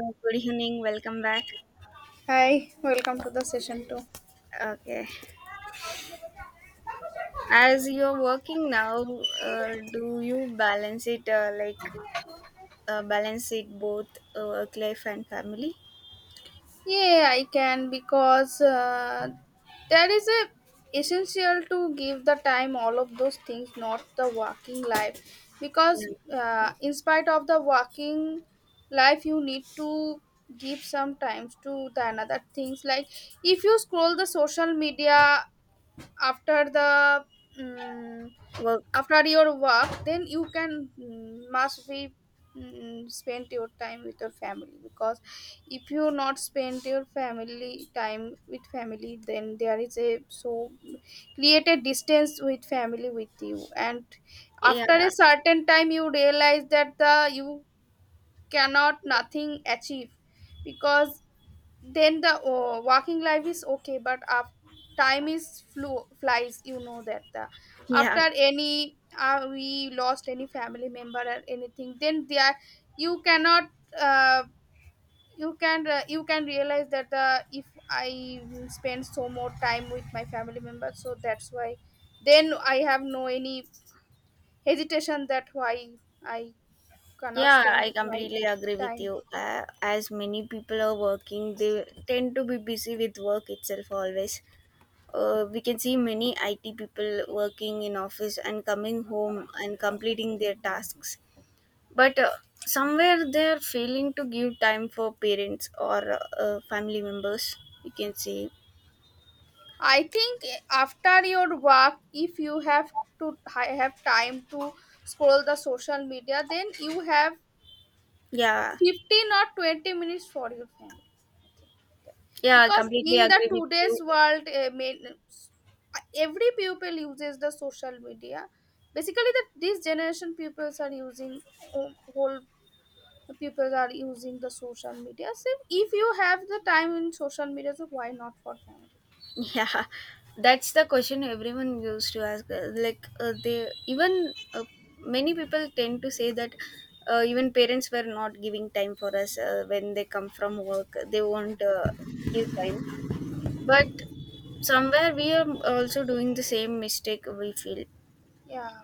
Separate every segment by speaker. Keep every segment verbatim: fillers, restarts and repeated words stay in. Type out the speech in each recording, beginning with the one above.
Speaker 1: Uh, Good evening, welcome back.
Speaker 2: Hi, welcome to the session two.
Speaker 1: Okay. As you're working now, uh, do you balance it uh, like uh, balance it both uh, work life and family?
Speaker 2: Yeah, I can because uh, there is a essential to give the time all of those things, not the working life. Because
Speaker 1: Yeah.
Speaker 2: uh, in spite of the working life, you need to give some times to the another things. Like if you scroll the social media after the. mm
Speaker 1: Work.
Speaker 2: after your work then you can mm, must be mm, spend your time with your family, because if you not spend your family time with family then there is a so create a distance with family with you, and
Speaker 1: Yeah.
Speaker 2: after a certain time you realize that the you cannot nothing achieve, because then the oh, walking life is okay but af- time is flu- flies you know that the
Speaker 1: Yeah.
Speaker 2: after any uh, we lost any family member or anything, then there you cannot uh, you can uh, you can realize that the if I spend so more time with my family member, so that's why then I have no any hesitation that why I cannot
Speaker 1: Yeah, I
Speaker 2: spend my
Speaker 1: completely agree with
Speaker 2: time.
Speaker 1: you. Uh, as many people are working, they tend to be busy with work itself always. Uh, we can see many I T people working in office and coming home and completing their tasks, but uh, somewhere they're failing to give time for parents or uh, uh, family members, you can say.
Speaker 2: I think after your work, if you have to I have time to scroll the social media, then you have
Speaker 1: Yeah,
Speaker 2: fifteen or twenty minutes for your family. I think that-
Speaker 1: yeah, I
Speaker 2: Because
Speaker 1: completely
Speaker 2: in the
Speaker 1: agree with
Speaker 2: today's
Speaker 1: you.
Speaker 2: world, uh, main- every people uses the social media. Basically, that this generation peoples are using whole whole people are using the social media. So if you have the time in social media, so why not for family?
Speaker 1: Yeah, that's the question everyone used to ask, uh, like, uh, they even uh, many people tend to say that uh, even parents were not giving time for us uh, when they come from work they won't uh, give time, but somewhere we are also doing the same mistake, we feel.
Speaker 2: Yeah.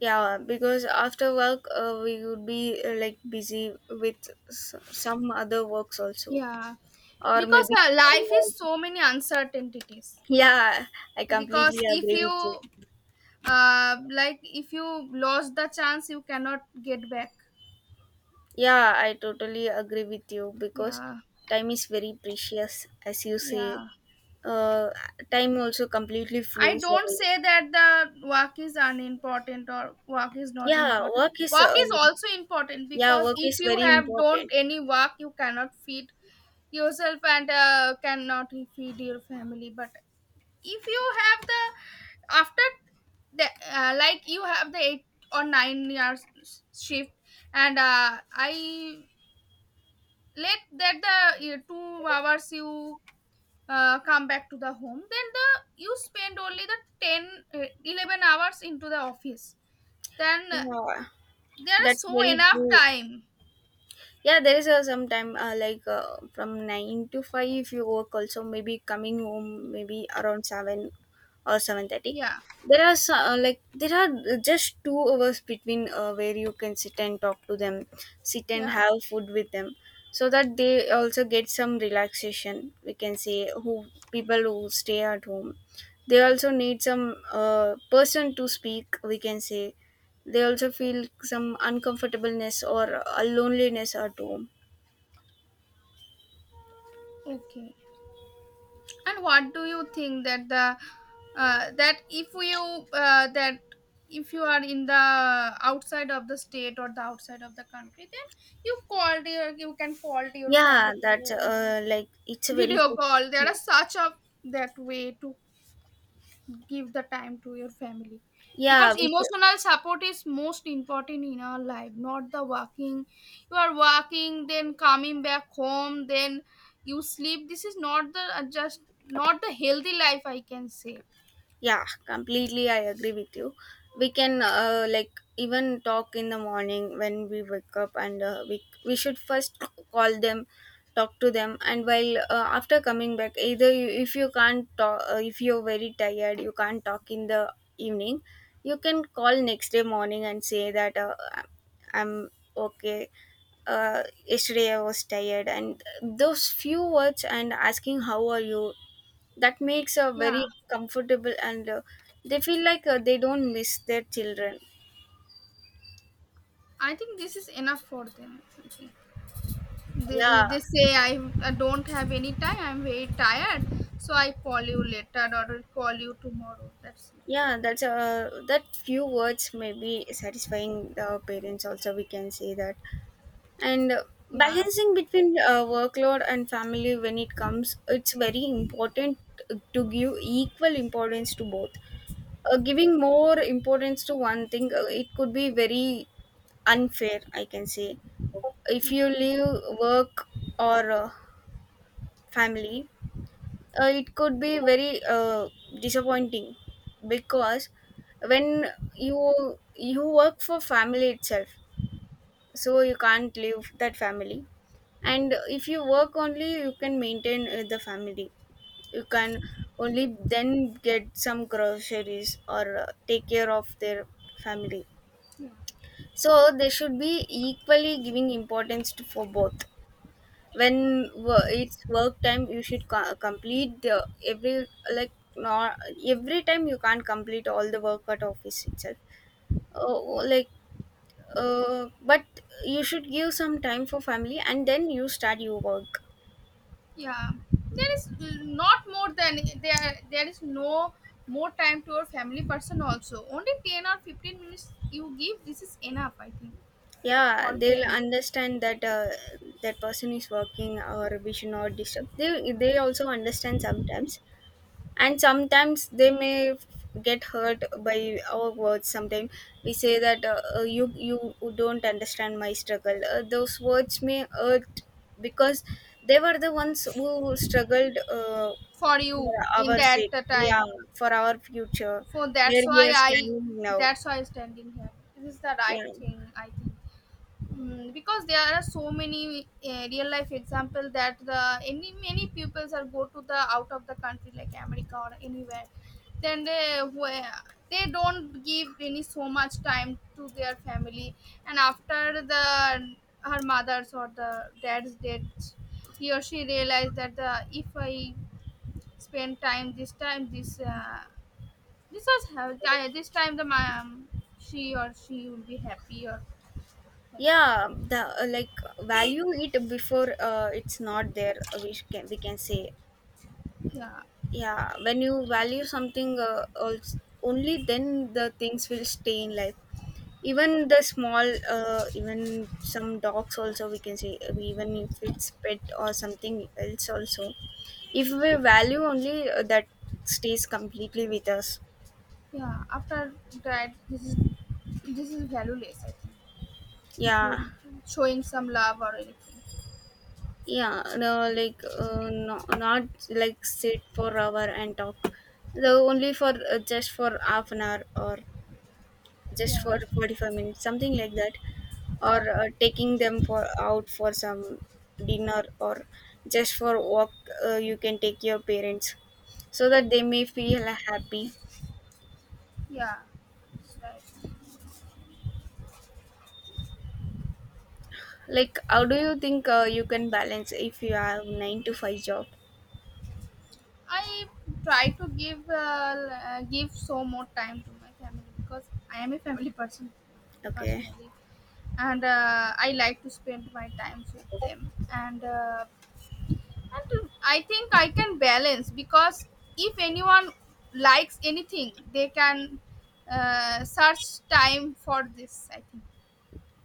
Speaker 1: Yeah, because after work uh, we would be uh, like busy with s- some other works also,
Speaker 2: Yeah,
Speaker 1: or
Speaker 2: because
Speaker 1: maybe.
Speaker 2: uh, life is so many uncertainties.
Speaker 1: Yeah, I
Speaker 2: Because
Speaker 1: completely
Speaker 2: if
Speaker 1: agree with
Speaker 2: you
Speaker 1: you.
Speaker 2: uh, like, if you lost the chance, you cannot get back.
Speaker 1: Yeah, I totally agree with you because
Speaker 2: Yeah,
Speaker 1: time is very precious, as you say.
Speaker 2: yeah.
Speaker 1: Uh, Time also completely
Speaker 2: I
Speaker 1: flows
Speaker 2: don't
Speaker 1: away.
Speaker 2: say that the work is unimportant or work is not
Speaker 1: Yeah,
Speaker 2: important.
Speaker 1: work is
Speaker 2: Work
Speaker 1: uh,
Speaker 2: is also important
Speaker 1: yeah,
Speaker 2: because
Speaker 1: work
Speaker 2: if
Speaker 1: is
Speaker 2: you
Speaker 1: very
Speaker 2: have don't
Speaker 1: important.
Speaker 2: any work, you cannot feed yourself and uh, cannot feed your family. But if you have the after the uh, like you have the eight or nine years shift and uh, I let that the uh, two hours you uh, come back to the home then the you spend only the ten uh, eleven hours into the office, then uh,
Speaker 1: Yeah,
Speaker 2: there is
Speaker 1: that's
Speaker 2: so
Speaker 1: very
Speaker 2: enough
Speaker 1: true.
Speaker 2: time.
Speaker 1: Yeah, there is a sometime uh, like uh, from nine to five if you work. Also, maybe coming home maybe around seven or seven thirty.
Speaker 2: Yeah,
Speaker 1: There are so- uh, like there are just two hours between, uh, where you can sit and talk to them, sit and
Speaker 2: yeah,
Speaker 1: have food with them, so that they also get some relaxation. We can say, who people who stay at home, they also need some uh, person to speak. We can say they also feel some uncomfortableness or a loneliness at home.
Speaker 2: okay. And what do you think that the uh, that if you uh, that if you are in the outside of the state or the outside of the country, then you called your you can call to your
Speaker 1: Yeah,
Speaker 2: family,
Speaker 1: that's
Speaker 2: you
Speaker 1: uh, like it's a very
Speaker 2: video
Speaker 1: good
Speaker 2: call, there are
Speaker 1: thing.
Speaker 2: such a that way to give the time to your family,
Speaker 1: Yeah,
Speaker 2: because
Speaker 1: we should.
Speaker 2: emotional support is most important in our life, not the working. You are working then coming back home then you sleep, this is not the uh, just not the healthy life, I can say.
Speaker 1: Yeah, completely. I agree with you. We can uh, like even talk in the morning when we wake up, and uh, we we should first call them, talk to them, and while uh, after coming back, either you, if you can't talk, uh, if you're very tired, you can't talk in the evening, you can call next day morning and say that uh, I'm okay. Uh, yesterday I was tired, and those few words and asking how are you, that makes a
Speaker 2: Yeah.
Speaker 1: very comfortable, and uh, they feel like uh, they don't miss their children.
Speaker 2: I think this is enough for them, I think. They,
Speaker 1: Yeah,
Speaker 2: if they say I, I don't have any time, I'm very tired, so I call you later or I'll call you tomorrow, that's it.
Speaker 1: yeah, that's uh, that few words may be satisfying the parents also, we can say that. And uh,
Speaker 2: Yeah.
Speaker 1: balancing between uh, workload and family, when it comes it's very important to give equal importance to both. Uh, giving more importance to one thing, uh, it could be very unfair, I can say. If you leave work or uh, family, uh, it could be very uh, disappointing, because when you you work for family itself, so you can't leave that family. And if you work only, you can maintain uh, the family. You can only then get some groceries or uh, take care of their family. So they should be equally giving importance to, for both. When wo- it's work time, you should co- complete the every, like not every time you can't complete all the work at office itself. Oh, oh, like, uh, but you should give some time for family and then you start your work.
Speaker 2: Yeah, there is not more than there. There is no more time to your family person also. Only ten or fifteen minutes you give. This is enough, I think,
Speaker 1: Yeah,
Speaker 2: for
Speaker 1: they'll
Speaker 2: them,
Speaker 1: understand that uh, that person is working, or we should not disturb. They they also understand sometimes, and sometimes they may f- get hurt by our words. Sometimes we say that uh, uh, you you don't understand my struggle, uh, those words may hurt because they were the ones who struggled uh,
Speaker 2: for you
Speaker 1: for
Speaker 2: in
Speaker 1: our
Speaker 2: that
Speaker 1: sake,
Speaker 2: uh,
Speaker 1: yeah,
Speaker 2: time.
Speaker 1: for our future,
Speaker 2: So that's
Speaker 1: where we
Speaker 2: why
Speaker 1: are
Speaker 2: I.
Speaker 1: standing now.
Speaker 2: That's why I standing here. This is the right
Speaker 1: Yeah,
Speaker 2: thing, I think. Mm, because there are so many uh, real life example that the any many pupils are go to the out of the country like America or anywhere, then they where they don't give any so much time to their family, and after the her mother's or the dad's death, he or she realized that the if I spend time this time this uh, this was how- this time the mom, she or she will be happy, or like.
Speaker 1: yeah, the uh, like value it before uh, it's not there, uh, we sh- can we can say.
Speaker 2: Yeah.
Speaker 1: Yeah, when you value something uh, als- only then the things will stay in life. Even the small uh, even some dogs also, we can say, uh, even if it's pet or something else also, if we value only uh, that stays completely with us,
Speaker 2: Yeah, after that, this is this is valueless. I
Speaker 1: yeah.
Speaker 2: think, showing some love or anything.
Speaker 1: Yeah, no, like uh, no, not like sit for hour and talk, the only for uh, just for half an hour, or just
Speaker 2: Yeah,
Speaker 1: for forty-five minutes, something like that, or
Speaker 2: yeah,
Speaker 1: uh, taking them for out for some dinner, or just for walk. Uh, you can take your parents so that they may feel happy.
Speaker 2: yeah. That's right.
Speaker 1: Like, how do you think uh, you can balance if you have nine to five job?
Speaker 2: I try to give uh, uh, give so more time to my family because I am a family person
Speaker 1: Okay.
Speaker 2: personally, and uh, I like to spend my time with them. And uh, And I think I can balance because if anyone likes anything, they can uh, search time for this. I think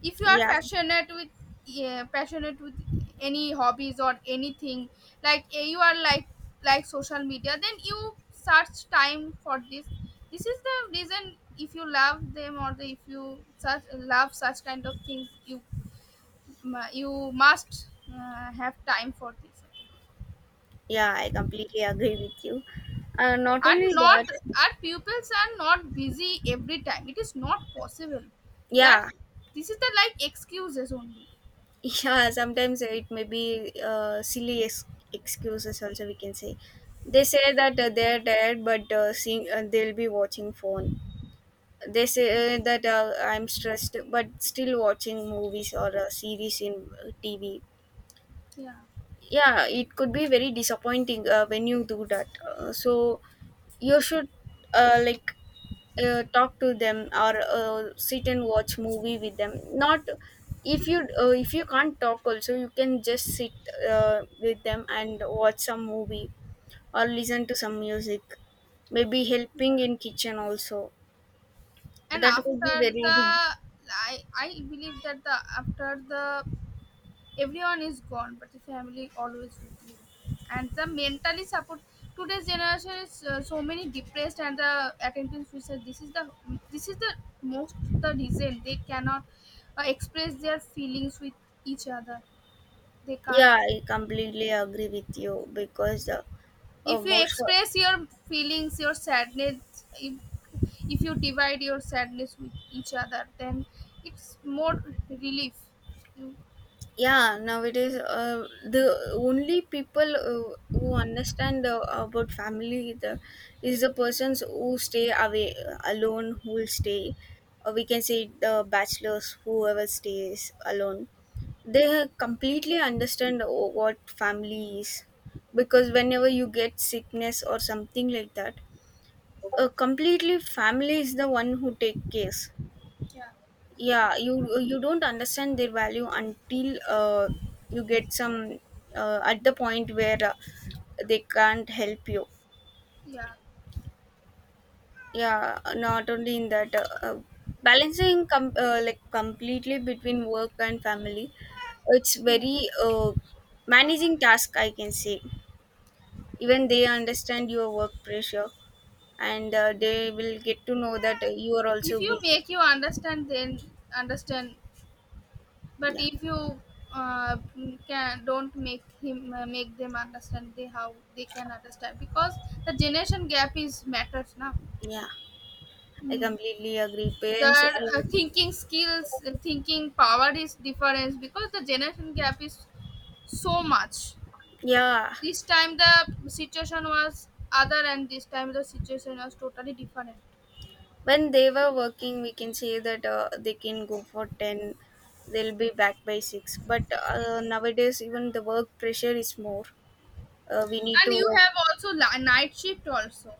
Speaker 2: if you are
Speaker 1: Yeah,
Speaker 2: passionate with, yeah, passionate with any hobbies or anything, like eh, you are like like social media, then you search time for this. This is the reason, if you love them or the, if you such love such kind of things, you mu- you must uh, have time for this.
Speaker 1: yeah, I completely agree with you. Uh, not
Speaker 2: And
Speaker 1: only
Speaker 2: not,
Speaker 1: that,
Speaker 2: our pupils are not busy every time, it is not possible that
Speaker 1: yeah.
Speaker 2: this is the like excuses only.
Speaker 1: Yeah, sometimes it may be uh, silly ex- excuses also, we can say. They say that uh, they're tired, but uh, seeing uh, they'll be watching phone. They
Speaker 2: Yeah,
Speaker 1: say uh, that uh, I'm stressed, but still watching movies or a series in uh, T V.
Speaker 2: yeah.
Speaker 1: Yeah, it could be very disappointing uh, when you do that. Uh, so you should uh, like uh, talk to them, or uh, sit and watch movie with them. Not if you uh, if you can't talk also, you can just sit uh, with them and watch some movie, or listen to some music, maybe helping in kitchen also.
Speaker 2: And
Speaker 1: That would be
Speaker 2: after
Speaker 1: very
Speaker 2: the
Speaker 1: big.
Speaker 2: i i believe that the after the, everyone is gone but the family always with you, and the mentally support. Today's generation is uh, so many depressed and the attendance suicide, this is the this is the most the reason they cannot uh, express their feelings with each other, they can't.
Speaker 1: Yeah, I completely agree with you, because uh, uh,
Speaker 2: If you
Speaker 1: most of—
Speaker 2: express your feelings, your sadness, if, if you divide your sadness with each other, then it's more relief. You-
Speaker 1: yeah, nowadays uh, the only people uh, who understand uh, about family, the, is the persons who stay away, uh, alone who will stay. Uh, we can say the bachelors whoever stays alone. They completely understand, o- what family is, because whenever you get sickness or something like that, uh, completely family is the one who take care.
Speaker 2: yeah,
Speaker 1: Yeah, you you don't understand their value until uh, you get some, uh, at the point where uh, they can't help you.
Speaker 2: yeah,
Speaker 1: Yeah, not only in that, uh, uh, balancing com- uh, like completely between work and family, it's
Speaker 2: yeah.
Speaker 1: very uh, managing task, I can say. Even they understand your work pressure, and uh, they will get to know that uh, you are
Speaker 2: If
Speaker 1: also
Speaker 2: you
Speaker 1: busy.
Speaker 2: make you understand then understand, but
Speaker 1: Yeah,
Speaker 2: if you uh, can don't make him uh, make them understand, they how they can understand, because the generation gap is matters now.
Speaker 1: yeah, I
Speaker 2: Hmm.
Speaker 1: completely agree. Parents,
Speaker 2: Their
Speaker 1: uh,
Speaker 2: uh, thinking skills and thinking power is different because the generation gap is so much.
Speaker 1: yeah,
Speaker 2: This time the situation was other, and this time the situation was totally different.
Speaker 1: when they were working, we can say that uh, they can go for ten, they'll be back by six, but uh, nowadays even the work pressure is more. Uh, we need
Speaker 2: And you
Speaker 1: to
Speaker 2: have also li- night shift also.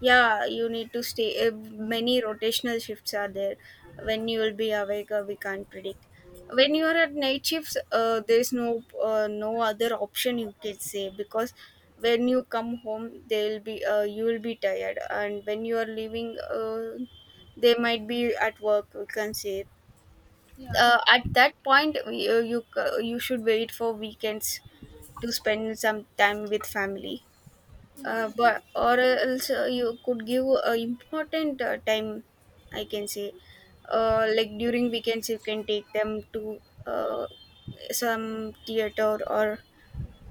Speaker 1: Yeah, you need to stay, uh, many rotational shifts are there. When you will be awake, uh, we can't predict. When you are at night shifts, uh, there is no uh, no other option, you can say, because when you come home they'll be uh, you will be tired, and when you are leaving uh, they might be at work, we can say.
Speaker 2: Yeah,
Speaker 1: Uh, at that point, you, you uh, you should wait for weekends to spend some time with family.
Speaker 2: yeah,
Speaker 1: Uh, but or else, uh, you could give uh, important uh, time, I can say. Uh, like, during weekends you can take them to uh, some theater, or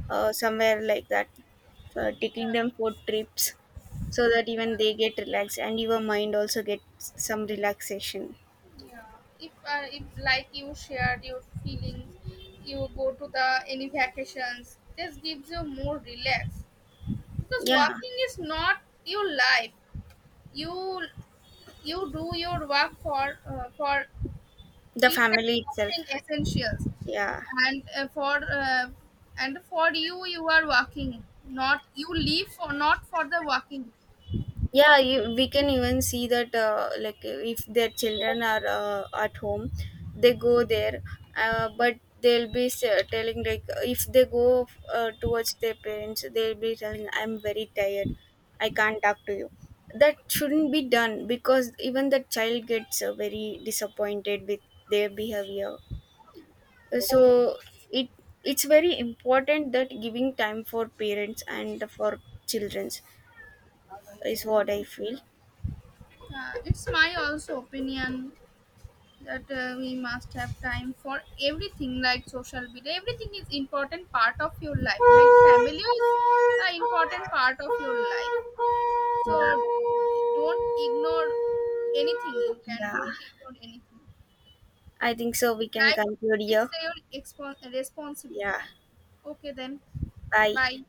Speaker 1: uh, somewhere like that, uh, taking them for trips, so that even they get relaxed and your mind also gets some relaxation.
Speaker 2: yeah. If, uh, if like you shared your feelings, you go to the any vacations, this gives you more relax, because
Speaker 1: Yeah,
Speaker 2: walking is not your life. You you do your work for uh, for
Speaker 1: the
Speaker 2: each and
Speaker 1: family itself,
Speaker 2: something essentials,
Speaker 1: yeah.
Speaker 2: and uh, for uh, and for you you are working, not you leave for not for the working.
Speaker 1: Yeah, you, we can even see that, uh, like, if their children are uh, at home, they go there, uh, but they'll be s- telling, like, if they go uh, towards their parents, they'll be telling, I'm very tired, I can't talk to you. That shouldn't be done because even the child gets uh, very disappointed with their behavior. So it it's very important that giving time for parents and for children's is what I feel.
Speaker 2: Uh, it's my also opinion that uh, we must have time for everything, like social media, everything is important part of your life, like family is an important part of your life, so
Speaker 1: Yeah.
Speaker 2: don't ignore anything, you can
Speaker 1: Yeah,
Speaker 2: don't ignore anything,
Speaker 1: I think so. We can
Speaker 2: like
Speaker 1: conclude
Speaker 2: it's
Speaker 1: here.
Speaker 2: your expo-
Speaker 1: Yeah,
Speaker 2: responsibility. Okay then,
Speaker 1: bye.
Speaker 2: bye.